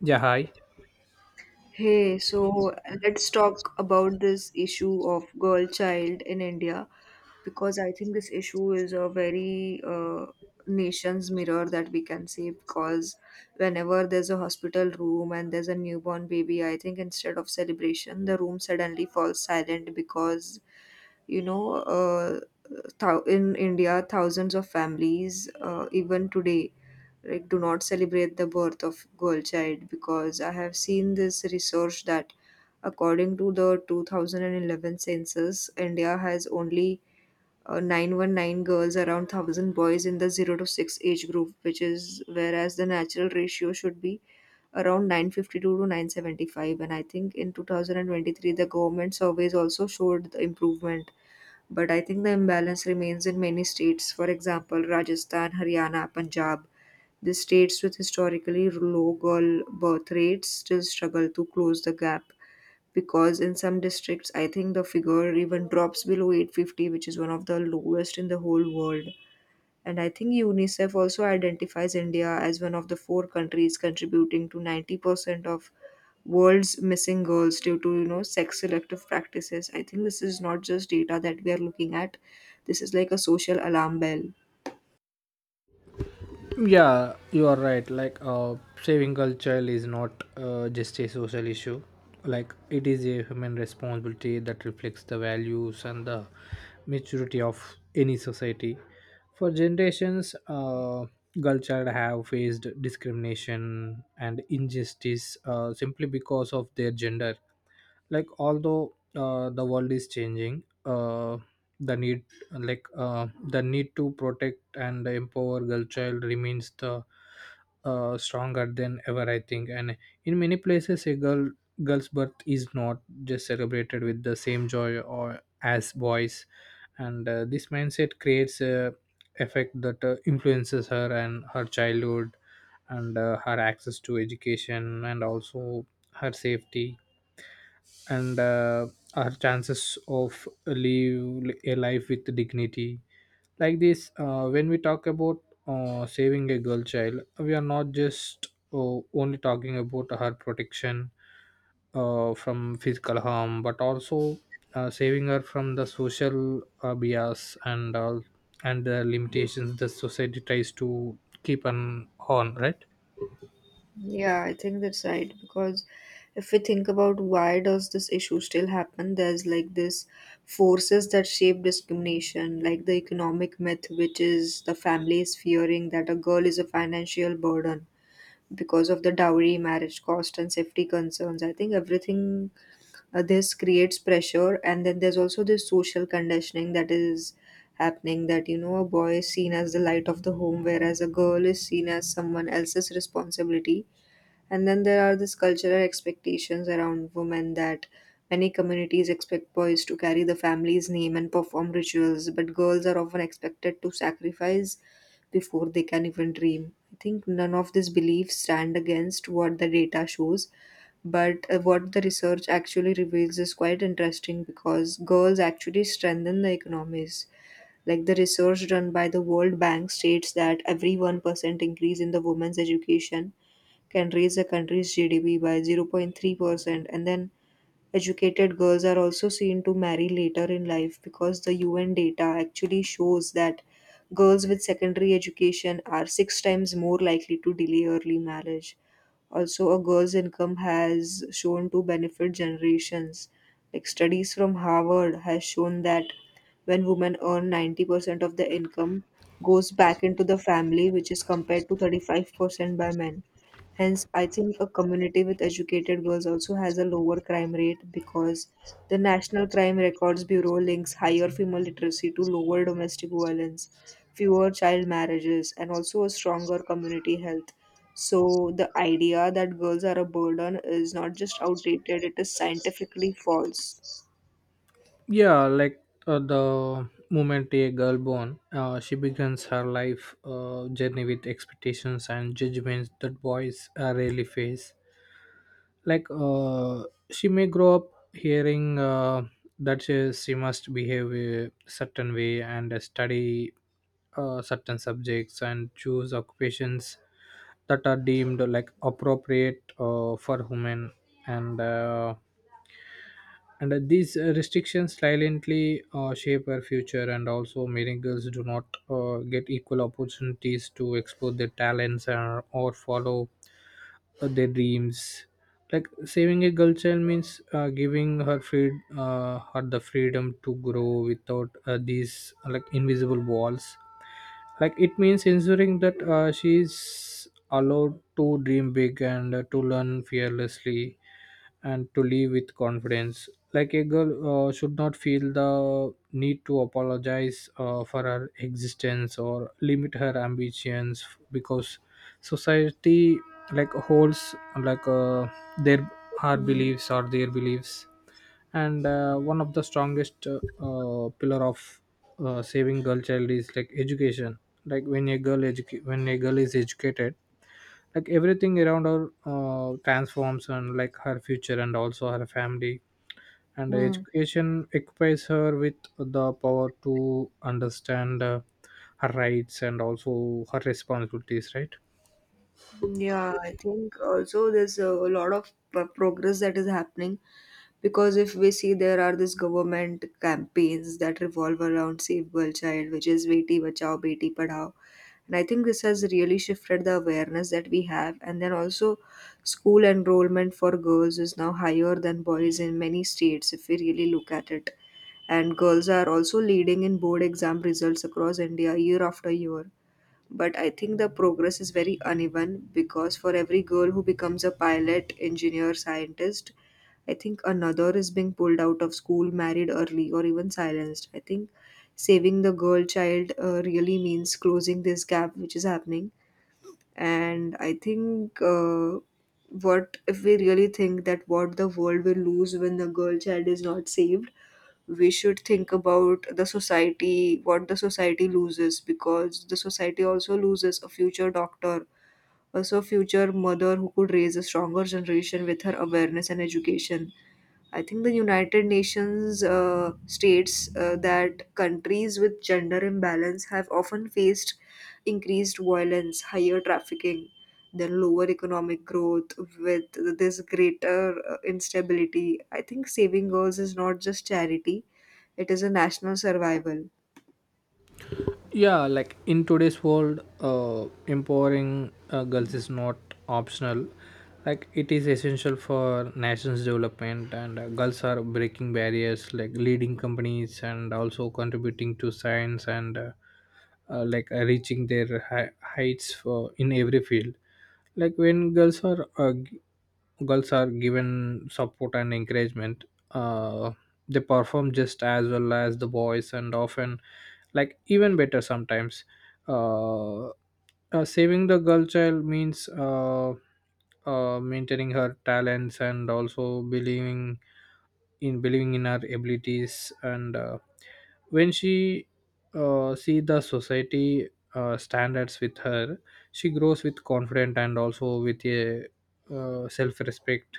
Yeah, hi. Hey, so let's talk about this issue of girl child in India because I think this issue is a very nation's mirror, that we can say, because whenever there's a hospital room and there's a newborn baby, I think instead of celebration, the room suddenly falls silent because you know uh, in India, thousands of families, even today, like, do not celebrate the birth of girl child because I have seen this research that according to the 2011 census, India has only 919 girls around 1000 boys in the 0 to 6 age group, which is, whereas the natural ratio should be around 952 to 975. And I think in 2023, the government surveys also showed the improvement, but I think the imbalance remains in many states, for example, Rajasthan, Haryana, Punjab. The states with historically low girl birth rates still struggle to close the gap because in some districts, I think the figure even drops below 850, which is one of the lowest in the whole world. And I think UNICEF also identifies India as one of the four countries contributing to 90% of world's missing girls due to, you know, sex selective practices. I think this is not just data that we are looking at. This is like a social alarm bell. Yeah, you are right. Like, saving culture is not just a social issue. Like, it is a human responsibility that reflects the values and the maturity of any society. For generations, culture have faced discrimination and injustice simply because of their gender, like although the world is changing, the need, like the need to protect and empower girl child remains the stronger than ever, I think. And in many places, a girl's birth is not just celebrated with the same joy or as boys, and this mindset creates a effect that influences her and her childhood, and her access to education and also her safety, and our chances of live a life with dignity, like this, when we talk about saving a girl child, we are not just only talking about her protection from physical harm, but also saving her from the social bias and all, and the limitations the society tries to keep an on, right? Yeah, I think that's right because if we think about why does this issue still happen, there's like this forces that shape discrimination, like the economic myth, which is the family is fearing that a girl is a financial burden because of the dowry, marriage cost, and safety concerns. I think everything this creates pressure, and then there's also this social conditioning that is happening, that you know a boy is seen as the light of the home, whereas a girl is seen as someone else's responsibility. And then there are these cultural expectations around women, that many communities expect boys to carry the family's name and perform rituals, but girls are often expected to sacrifice before they can even dream. I think none of these beliefs stand against what the data shows, but what the research actually reveals is quite interesting because girls actually strengthen the economies. Like, the research done by the World Bank states that every 1% increase in the women's education can raise a country's GDP by 0.3%. And then educated girls are also seen to marry later in life because the UN data actually shows that girls with secondary education are six times more likely to delay early marriage. Also, a girl's income has shown to benefit generations. Like, studies from Harvard has shown that when women earn, 90% of the income goes back into the family, which is compared to 35% by men. Hence, I think a community with educated girls also has a lower crime rate because the National Crime Records Bureau links higher female literacy to lower domestic violence, fewer child marriages, and also a stronger community health. So the idea that girls are a burden is not just outdated, it is scientifically false. Yeah, like the moment a girl born, she begins her life journey with expectations and judgments that boys rarely face, like she may grow up hearing that she must behave a certain way, and study certain subjects and choose occupations that are deemed like appropriate for women, and uh, and these restrictions silently shape our future, and also many girls do not get equal opportunities to explore their talents and, or follow their dreams, like saving a girl child means giving her free, her the freedom to grow without these, like invisible walls, like it means ensuring that she's allowed to dream big and to learn fearlessly and to live with confidence. Like a girl should not feel the need to apologize for her existence or limit her ambitions, because society like holds like their her Mm. beliefs or their beliefs, and one of the strongest pillar of saving girl child is like education, like when a girl is educated, like everything around her transforms, and like her future and also her family. And Mm. education equips her with the power to understand her rights and also her responsibilities, right? Yeah, I think also there's a lot of progress that is happening because if we see, there are these government campaigns that revolve around Save Girl Child, which is Beti Bachao, Beti Padhao. And I think this has really shifted the awareness that we have. And then also, school enrollment for girls is now higher than boys in many states, if we really look at it. And girls are also leading in board exam results across India year after year, but I think the progress is very uneven because for every girl who becomes a pilot, engineer, scientist, I think another is being pulled out of school, married early, or even silenced. I think saving the girl child really means closing this gap which is happening. And I think what if we really think that what the world will lose when the girl child is not saved? We should think about the society, what the society loses, because the society also loses a future doctor, also a future mother who could raise a stronger generation with her awareness and education. I think the United Nations states that countries with gender imbalance have often faced increased violence, higher trafficking, then lower economic growth with this greater instability. I think saving girls is not just charity, it is a national survival. Yeah, like in today's world, empowering girls is not optional. Like it is essential for nations development, and girls are breaking barriers, like leading companies and also contributing to science, and reaching their heights for in every field. Like when girls are given support and encouragement, uh, they perform just as well as the boys, and often like even better sometimes. Saving the girl child means maintaining her talents and also believing in her abilities, and when she see the society standards with her, she grows with confidence and also with a self-respect,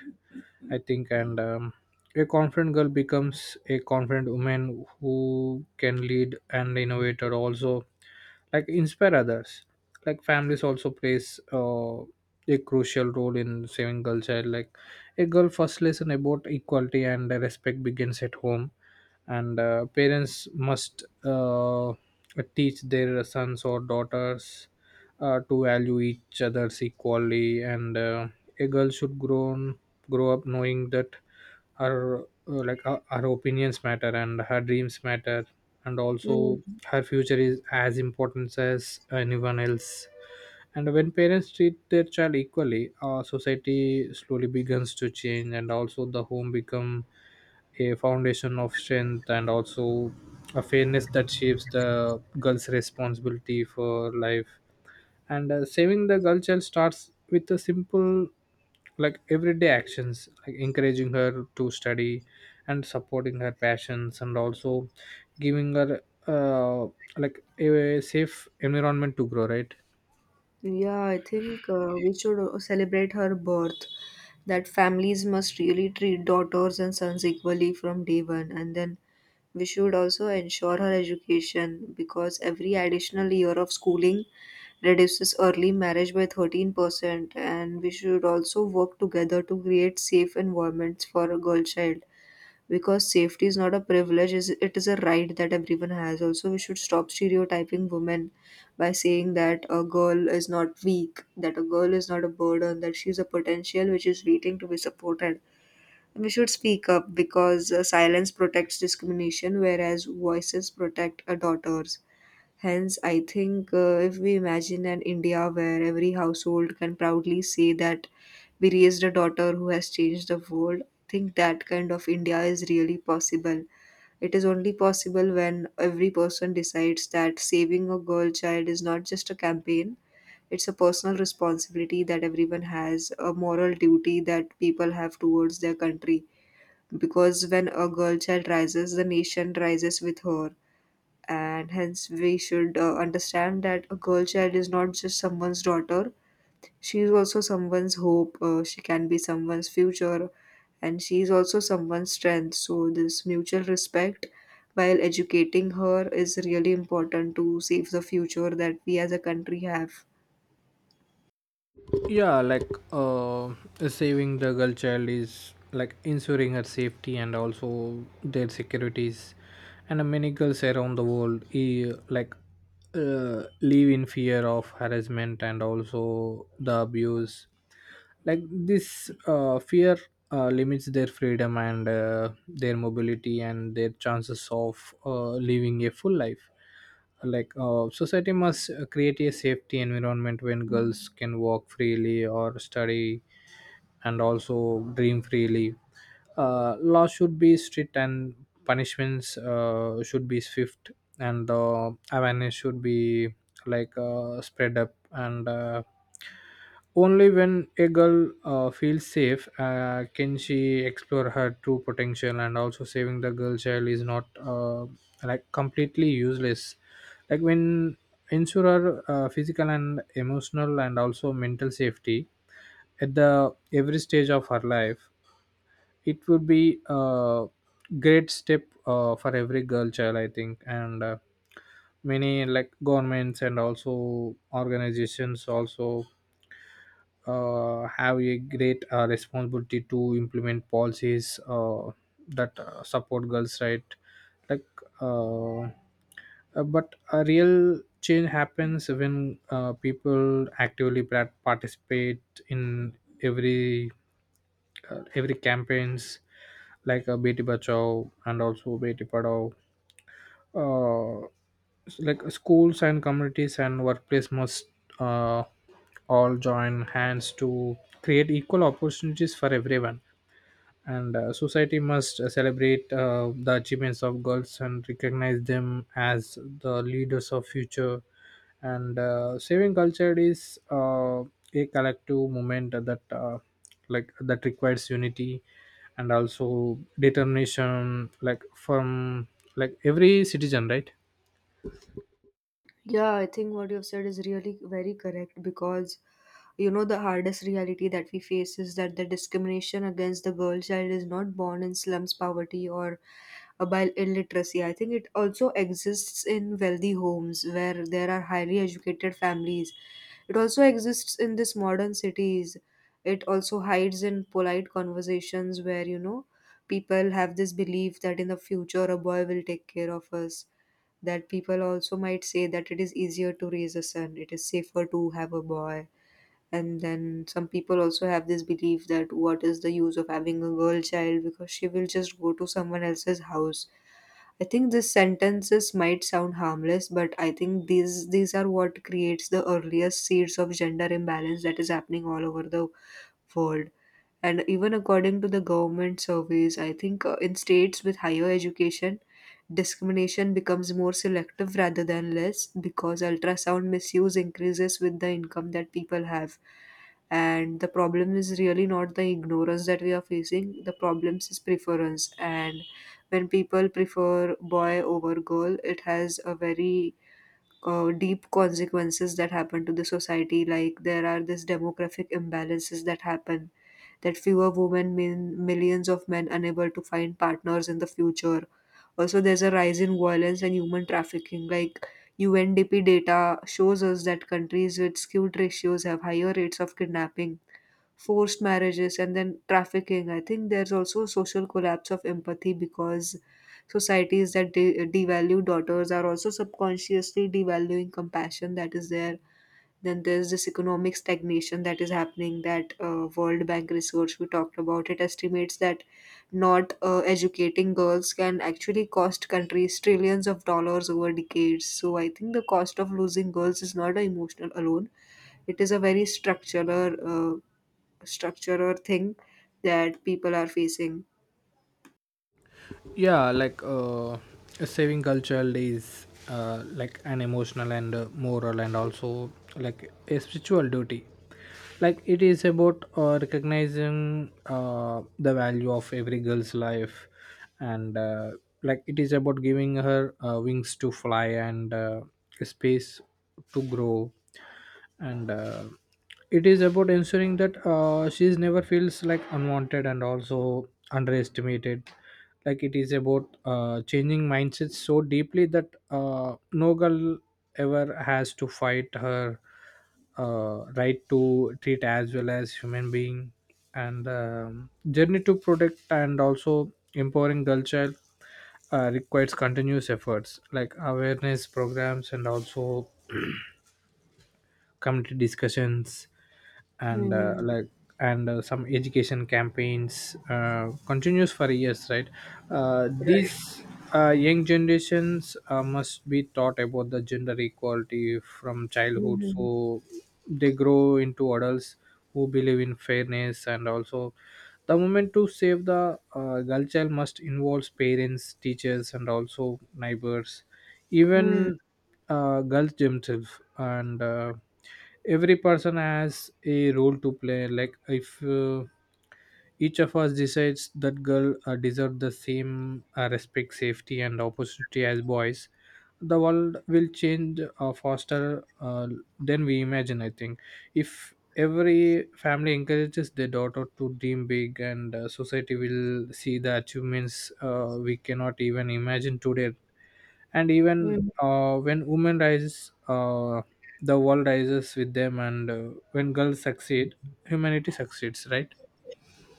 I think. And a confident girl becomes a confident woman who can lead and innovate, or also like inspire others. Like families also plays a crucial role in saving girl child, like a girl first lesson about equality and respect begins at home, and parents must teach their sons or daughters to value each other's equally, and a girl should grow up knowing that her her opinions matter and her dreams matter, and also Mm. her future is as important as anyone else. And when parents treat their child equally, society slowly begins to change, and also the home become a foundation of strength and also a fairness that shapes the girl's responsibility for life. And saving the girl child starts with a simple, like everyday actions like encouraging her to study and supporting her passions and also giving her uh, like a safe environment to grow, right? Yeah, I think we should celebrate her birth. That families must really treat daughters and sons equally from day one. And then we should also ensure her education because every additional year of schooling reduces early marriage by 13%. And we should also work together to create safe environments for a girl child because safety is not a privilege, is, it is a right that everyone has. Also, we should stop stereotyping women by saying that a girl is not weak, that a girl is not a burden, that she is a potential which is waiting to be supported. And we should speak up because silence protects discrimination, whereas voices protect our daughters. Hence, I think if we imagine an India where every household can proudly say that we raised a daughter who has changed the world, I think that kind of India is really possible. It is only possible when every person decides that saving a girl child is not just a campaign, it's a personal responsibility that everyone has, a moral duty that people have towards their country. Because when a girl child rises, the nation rises with her. And hence we should understand that a girl child is not just someone's daughter, she is also someone's hope, she can be someone's future, and she is also someone's strength. So this mutual respect while educating her is really important to save the future that we as a country have. Yeah, like saving the girl child is like ensuring her safety and also their securities, and many girls around the world, like live in fear of harassment and also the abuse, like this fear limits their freedom and their mobility and their chances of living a full life. Like society must create a safety environment when girls can walk freely or study and also dream freely. Law should be strict, and punishments should be swift, and awareness should be, like, spread up, and only when a girl feels safe can she explore her true potential. And also saving the girl child is not like completely useless. Like when ensure her, physical and emotional and also mental safety at the every stage of her life, it would be a great step for every girl child, I think, and. Many like governments and also organizations also have a great responsibility to implement policies that support girls' right. Like, uh, uh, but a real change happens when people actively participate in every every campaigns, like Beti Bachao and also Beti Padhao. uh, like schools and communities and workplace must uh, all join hands to create equal opportunities for everyone. And society must celebrate the achievements of girls and recognize them as the leaders of future. And saving culture is a collective movement that like that requires unity and also determination, like from like every citizen, right? Yeah, I think what you've said is really very correct because you know, the hardest reality that we face is that the discrimination against the girl child is not born in slums, poverty, or about illiteracy. I think it also exists in wealthy homes where there are highly educated families. It also exists in these modern cities. It also hides in polite conversations where, you know, people have this belief that in the future a boy will take care of us. That people also might say that it is easier to raise a son, it is safer to have a boy. And then some people also have this belief that what is the use of having a girl child because she will just go to someone else's house. I think these sentences might sound harmless, but I think these are what creates the earliest seeds of gender imbalance that is happening all over the world. And even according to the government surveys, I think in states with higher education, discrimination becomes more selective rather than less because ultrasound misuse increases with the income that people have. And the problem is really not the ignorance that we are facing, the problem is preference. And when people prefer boy over girl, it has a very deep consequences that happen to the society, like there are this demographic imbalances that happen, that fewer women mean millions of men unable to find partners in the future. Also, there's a rise in violence and human trafficking. Like, UNDP data shows us that countries with skewed ratios have higher rates of kidnapping, forced marriages, and then trafficking. I think there's also social collapse of empathy because societies that devalue daughters are also subconsciously devaluing compassion that is there. Then there's this economic stagnation that is happening. That World Bank research we talked about, it estimates that not educating girls can actually cost countries trillions of dollars over decades. So I think the cost of losing girls is not a emotional alone. It is a very structural thing that people are facing. Yeah, like saving cultural is like an emotional and moral and also like a spiritual duty, like it is about recognizing the value of every girl's life, and like it is about giving her wings to fly and space to grow, and it is about ensuring that she's never feels like unwanted and also underestimated, like it is about changing mindsets so deeply that no girl ever has to fight her right to treat as well as human being. And journey to protect and also empowering girl child requires continuous efforts, like awareness programs and also community discussions, and Hmm. like and some education campaigns continues for years, right? Right. These young generations must be taught about the gender equality from childhood Mhm. so they grow into adults who believe in fairness. And also the movement to save the girl child must involve parents teachers and also neighbors, Hmm. even girls themselves, and every person has a role to play. Like if each of us decides that girl deserve the same respect safety and opportunity as boys, the world will change faster than we imagine, I think. If every family encourages their daughter to dream big, and society will see the achievements we cannot even imagine today, and even Hmm. When women rise, the world rises with them. And when girls succeed, humanity succeeds, right?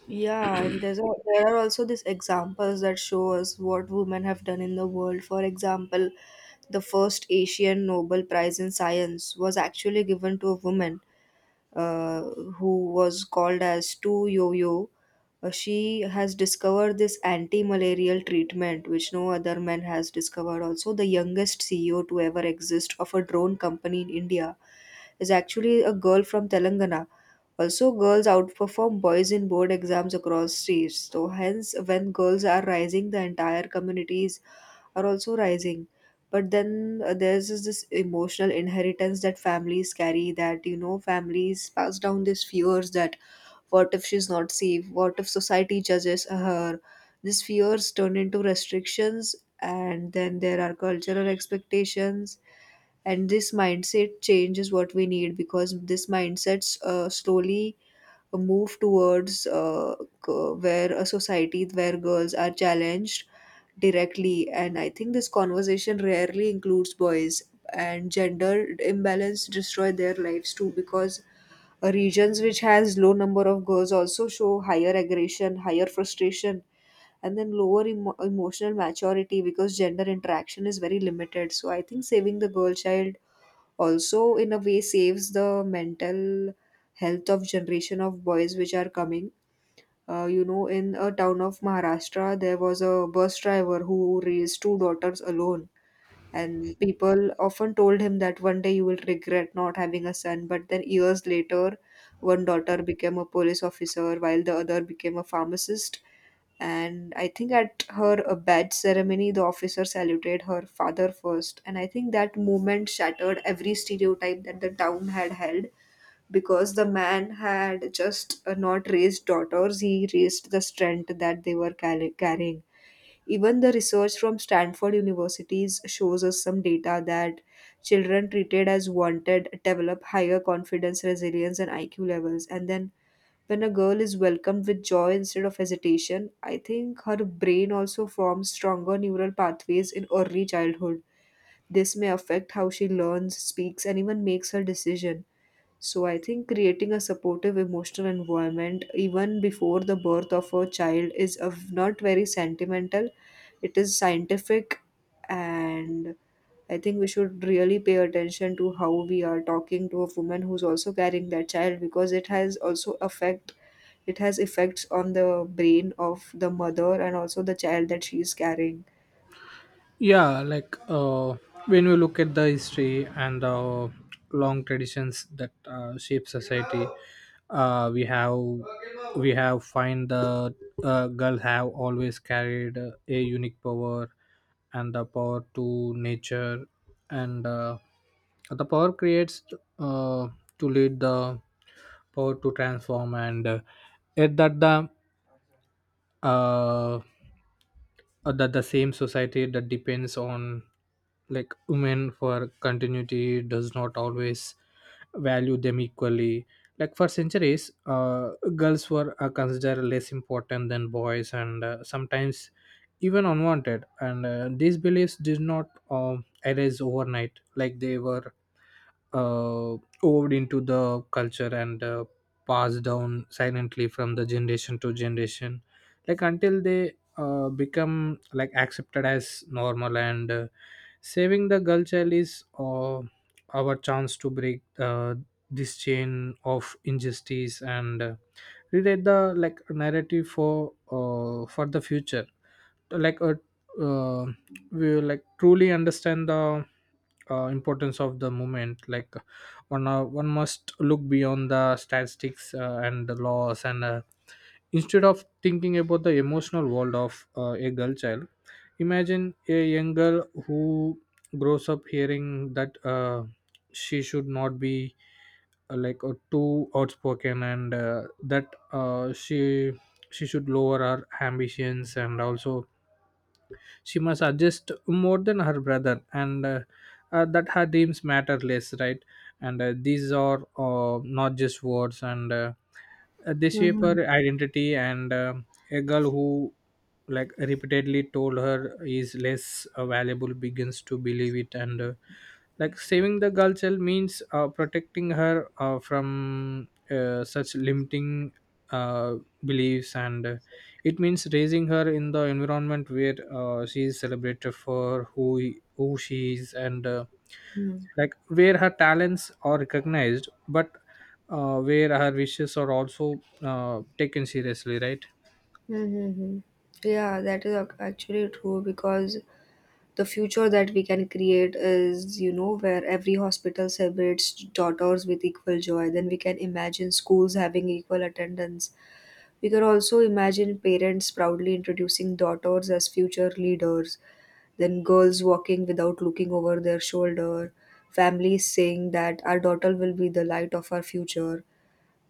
Yeah, and there's a, there are also these examples that show us what women have done in the world. For example, the first Asian Nobel Prize in Science was actually given to a woman, uh, who was called as 2-Yo-Yo, she has discovered this anti-malarial treatment which no other man has discovered. Also, the youngest CEO to ever exist of a drone company in India is actually a girl from Telangana. Also, girls outperform boys in board exams across states. So, hence, when girls are rising, the entire communities are also rising. But then there's this emotional inheritance that families carry, that you know families pass down these fears that what if she's not safe, what if society judges her. These fears turn into restrictions, and then there are cultural expectations. And this mindset change is what we need, because this mindsets slowly uh, move towards uh, where a society where girls are challenged directly. And I think this conversation rarely includes boys, and gender imbalance destroy their lives too. Because regions which has low number of girls also show higher aggression, higher frustration, and then lower emotional maturity, because gender interaction is very limited. So I think saving the girl child also in a way saves the mental health of generation of boys which are coming. In a town of Maharashtra, there was a bus driver who raised 2 daughters alone. And people often told him that one day you will regret not having a son. But then years later, 1 daughter became a police officer while the other became a pharmacist. And I think at her badge ceremony, the officer saluted her father first. And I think that moment shattered every stereotype that the town had held, because the man had just not raised daughters, he raised the strength that they were carrying. Even the research from Stanford universities shows us some data that children treated as wanted develop higher confidence, resilience, and IQ levels. And then when a girl is welcomed with joy instead of hesitation, I think her brain also forms stronger neural pathways in early childhood. This may affect how she learns, speaks, and even makes her decision. So I think creating a supportive emotional environment even before the birth of a child is of not very sentimental. It is scientific. And I think we should really pay attention to how we are talking to a woman who's also carrying that child, because it has effects on the brain of the mother and also the child that she is carrying. Yeah, like when we look at the history and the long traditions that shape society, uh, we have we have find the girl have always carried a unique power, and the power to nature, and the power creates uh, to lead, the power to transform, and yet uh, that the same society that depends on like women for continuity does not always value them equally. Like for centuries girls were considered less important than boys, and sometimes even unwanted, and these beliefs did not arise overnight. Like they were uh, owed into the culture, and passed down silently from the generation to generation, like until they become like accepted as normal. And saving the girl child is our chance to break this chain of injustice, and relate the like narrative for the future. Like a uh, we will like truly understand the importance of the movement. Like one must look beyond the statistics and the laws, and instead of thinking about the emotional world of a girl child, imagine a young girl who grows up hearing that she should not be like too outspoken, and that uh, she she should lower her ambitions, and also she must adjust more than her brother, and that her dreams matter less, right? And these are not just words, and they shape Mhm. her identity, and a girl who like repeatedly told her is less valuable begins to believe it. And like saving the girl child means protecting her from such limiting uh, beliefs, and it means raising her in the environment where she is celebrated for who she is, and Mhm. like where her talents are recognized, but where her wishes are also taken seriously, right? Mm-hmm. Yeah, that is actually true, because the future that we can create is, you know, where every hospital celebrates daughters with equal joy. Then we can imagine schools having equal attendance. We can also imagine parents proudly introducing daughters as future leaders. Then girls walking without looking over their shoulder. Families saying that our daughter will be the light of our future.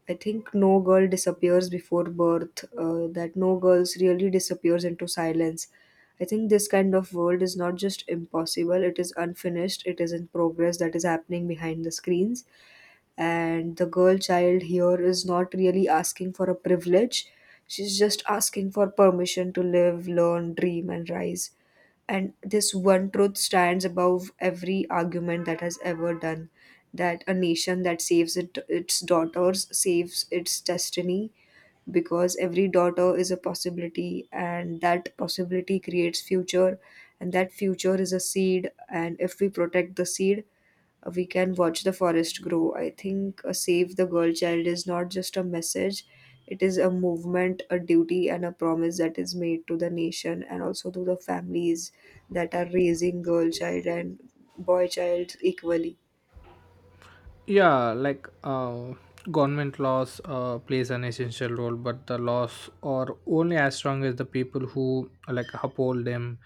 I think no girl disappears before birth, that no girls really disappears into silence. I think this kind of world is not just impossible, it is unfinished, it is in progress that is happening behind the screens. And the girl child here is not really asking for a privilege, she's just asking for permission to live, learn, dream, and rise. And this one truth stands above every argument that has ever done, that a nation that saves it, its daughters, saves its destiny. Because every daughter is a possibility, and that possibility creates future, and that future is a seed, and if we protect the seed, we can watch the forest grow. I think Save the Girl Child is not just a message, it is a movement, a duty, and a promise that is made to the nation and also to the families that are raising girl child and boy child equally. Yeah, like government laws plays an essential role, but the laws are only as strong as the people who like uphold them.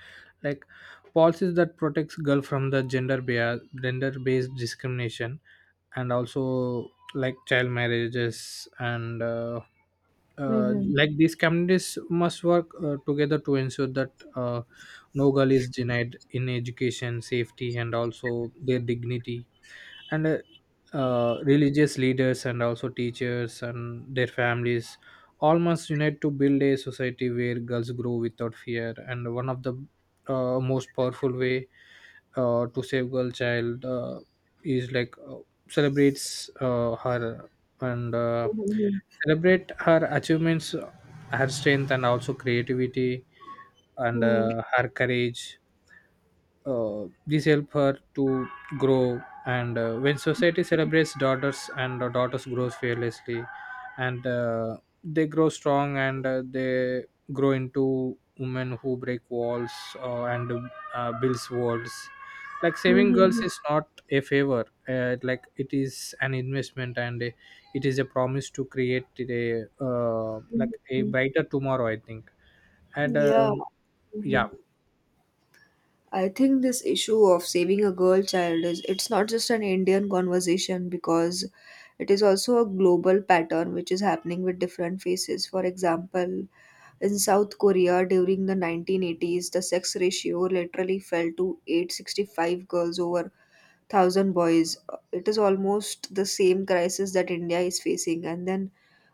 Like policies that protects girl from the gender bias gender based discrimination and also like child marriages, and Mm-hmm. like these communities must work together to ensure that no girl is denied in education safety and also their dignity. And religious leaders and also teachers and their families all must unite to build a society where girls grow without fear. And one of the most powerful way to save girl child is like celebrates her, and Mm-hmm. celebrate her achievements, her strength and also creativity, and her courage. These help her to grow, and when society celebrates daughters, and daughters grows fearlessly, and they grow strong, and they grow into women who break walls, and builds worlds. Like saving girls Mm-hmm. is not a favor, like it is an investment, and a, it is a promise to create a like a Mm-hmm. brighter tomorrow, I think. And Yeah. Yeah. I think this issue of saving a girl child is it's not just an Indian conversation, because it is also a global pattern which is happening with different faces. For example, in South Korea during the 1980s, the sex ratio literally fell to 865 girls over 1000 boys. It is almost the same crisis that India is facing. And then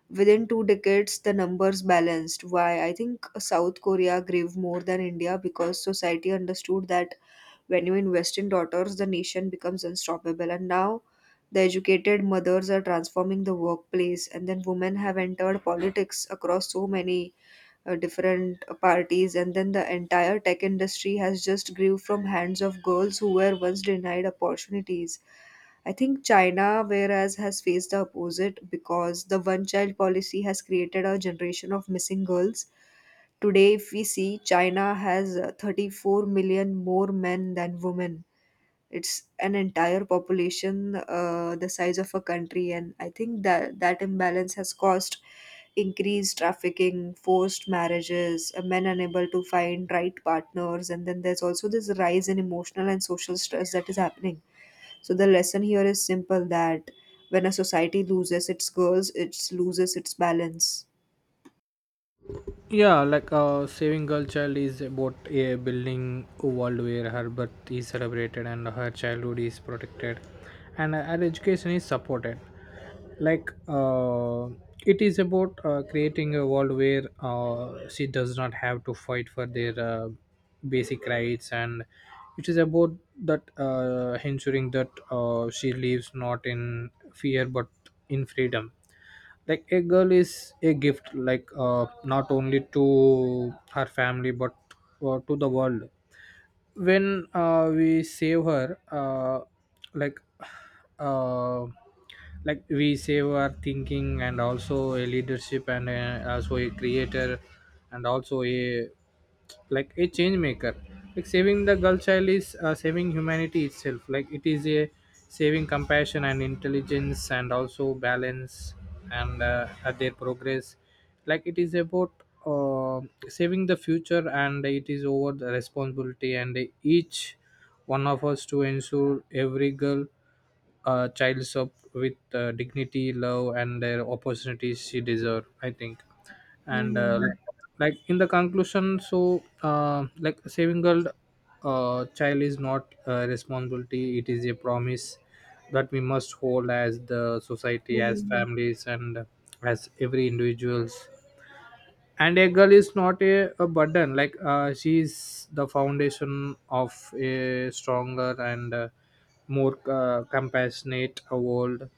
within 2 decades the numbers balanced. Why? I think South Korea gave more than India because society understood that when you invest in daughters, the nation becomes unstoppable. And now the educated mothers are transforming the workplace, and then women have entered politics across so many different parties. And then the entire tech industry has just grew from hands of girls who were once denied opportunities. I think China, whereas, has faced the opposite, because the one child policy has created a generation of missing girls. Today if we see, China has 34 million more men than women. It's an entire population, the size of a country. And I think that that imbalance has caused increased trafficking, forced marriages, men unable to find right partners, and then there's also this rise in emotional and social stress that is happening. So the lesson here is simple, that when a society loses its girls, it loses its balance. Yeah, like saving girl child is about a building a world where her birth is celebrated and her childhood is protected, and her education is supported. Like it is about creating a world where she does not have to fight for their basic rights, and it is about that ensuring that she lives not in fear but in freedom. Like a girl is a gift, like not only to her family but to the world. When we save her, like uh, like we save her thinking and also a leadership and also a creator and also a like a change maker. Like saving the girl child is saving humanity itself. Like it is a saving compassion and intelligence and also balance, and at their progress, like it is about uh, saving the future, and it is over the responsibility and each one of us to ensure every girl child's up with dignity love and their opportunities she deserve, I think. And Hmm. like in the conclusion, so like saving girl child is not a responsibility, it is a promise that we must hold as the society, as Hmm. families, and as every individuals. And a girl is not a burden, like she is the foundation of a stronger and more compassionate world.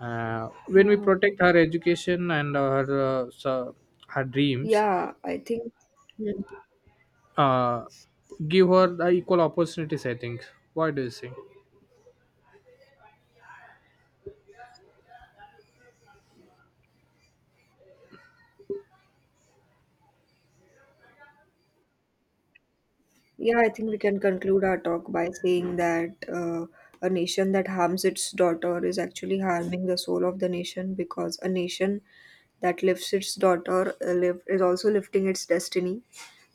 When we Uh, protect her education and uh, so- her dreams, yeah, I think. uh, give her the equal opportunities, I think. What do you think? Yeah, I think we can conclude our talk by saying that a nation that harms its daughter is actually harming the soul of the nation, because a nation that lifts its daughter live, is also lifting its destiny.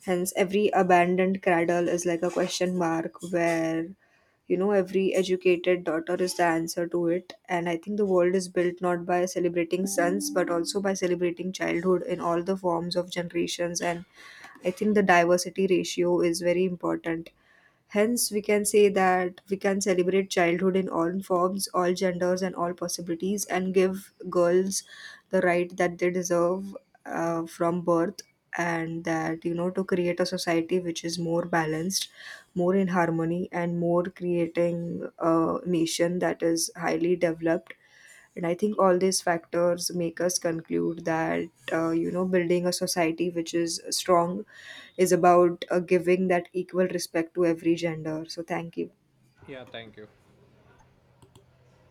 Hence, every abandoned cradle is like a question mark, where, you know, every educated daughter is the answer to it. And I think the world is built not by celebrating sons, but also by celebrating childhood in all the forms of generations. And I think the diversity ratio is very important. Hence, we can say that we can celebrate childhood in all forms, all genders, and all possibilities, and give girls the right that they deserve, from birth, and that, you know, to create a society which is more balanced, more in harmony, and more creating a nation that is highly developed. And I think all these factors make us conclude that you know, building a society which is strong is about giving that equal respect to every gender. So thank you.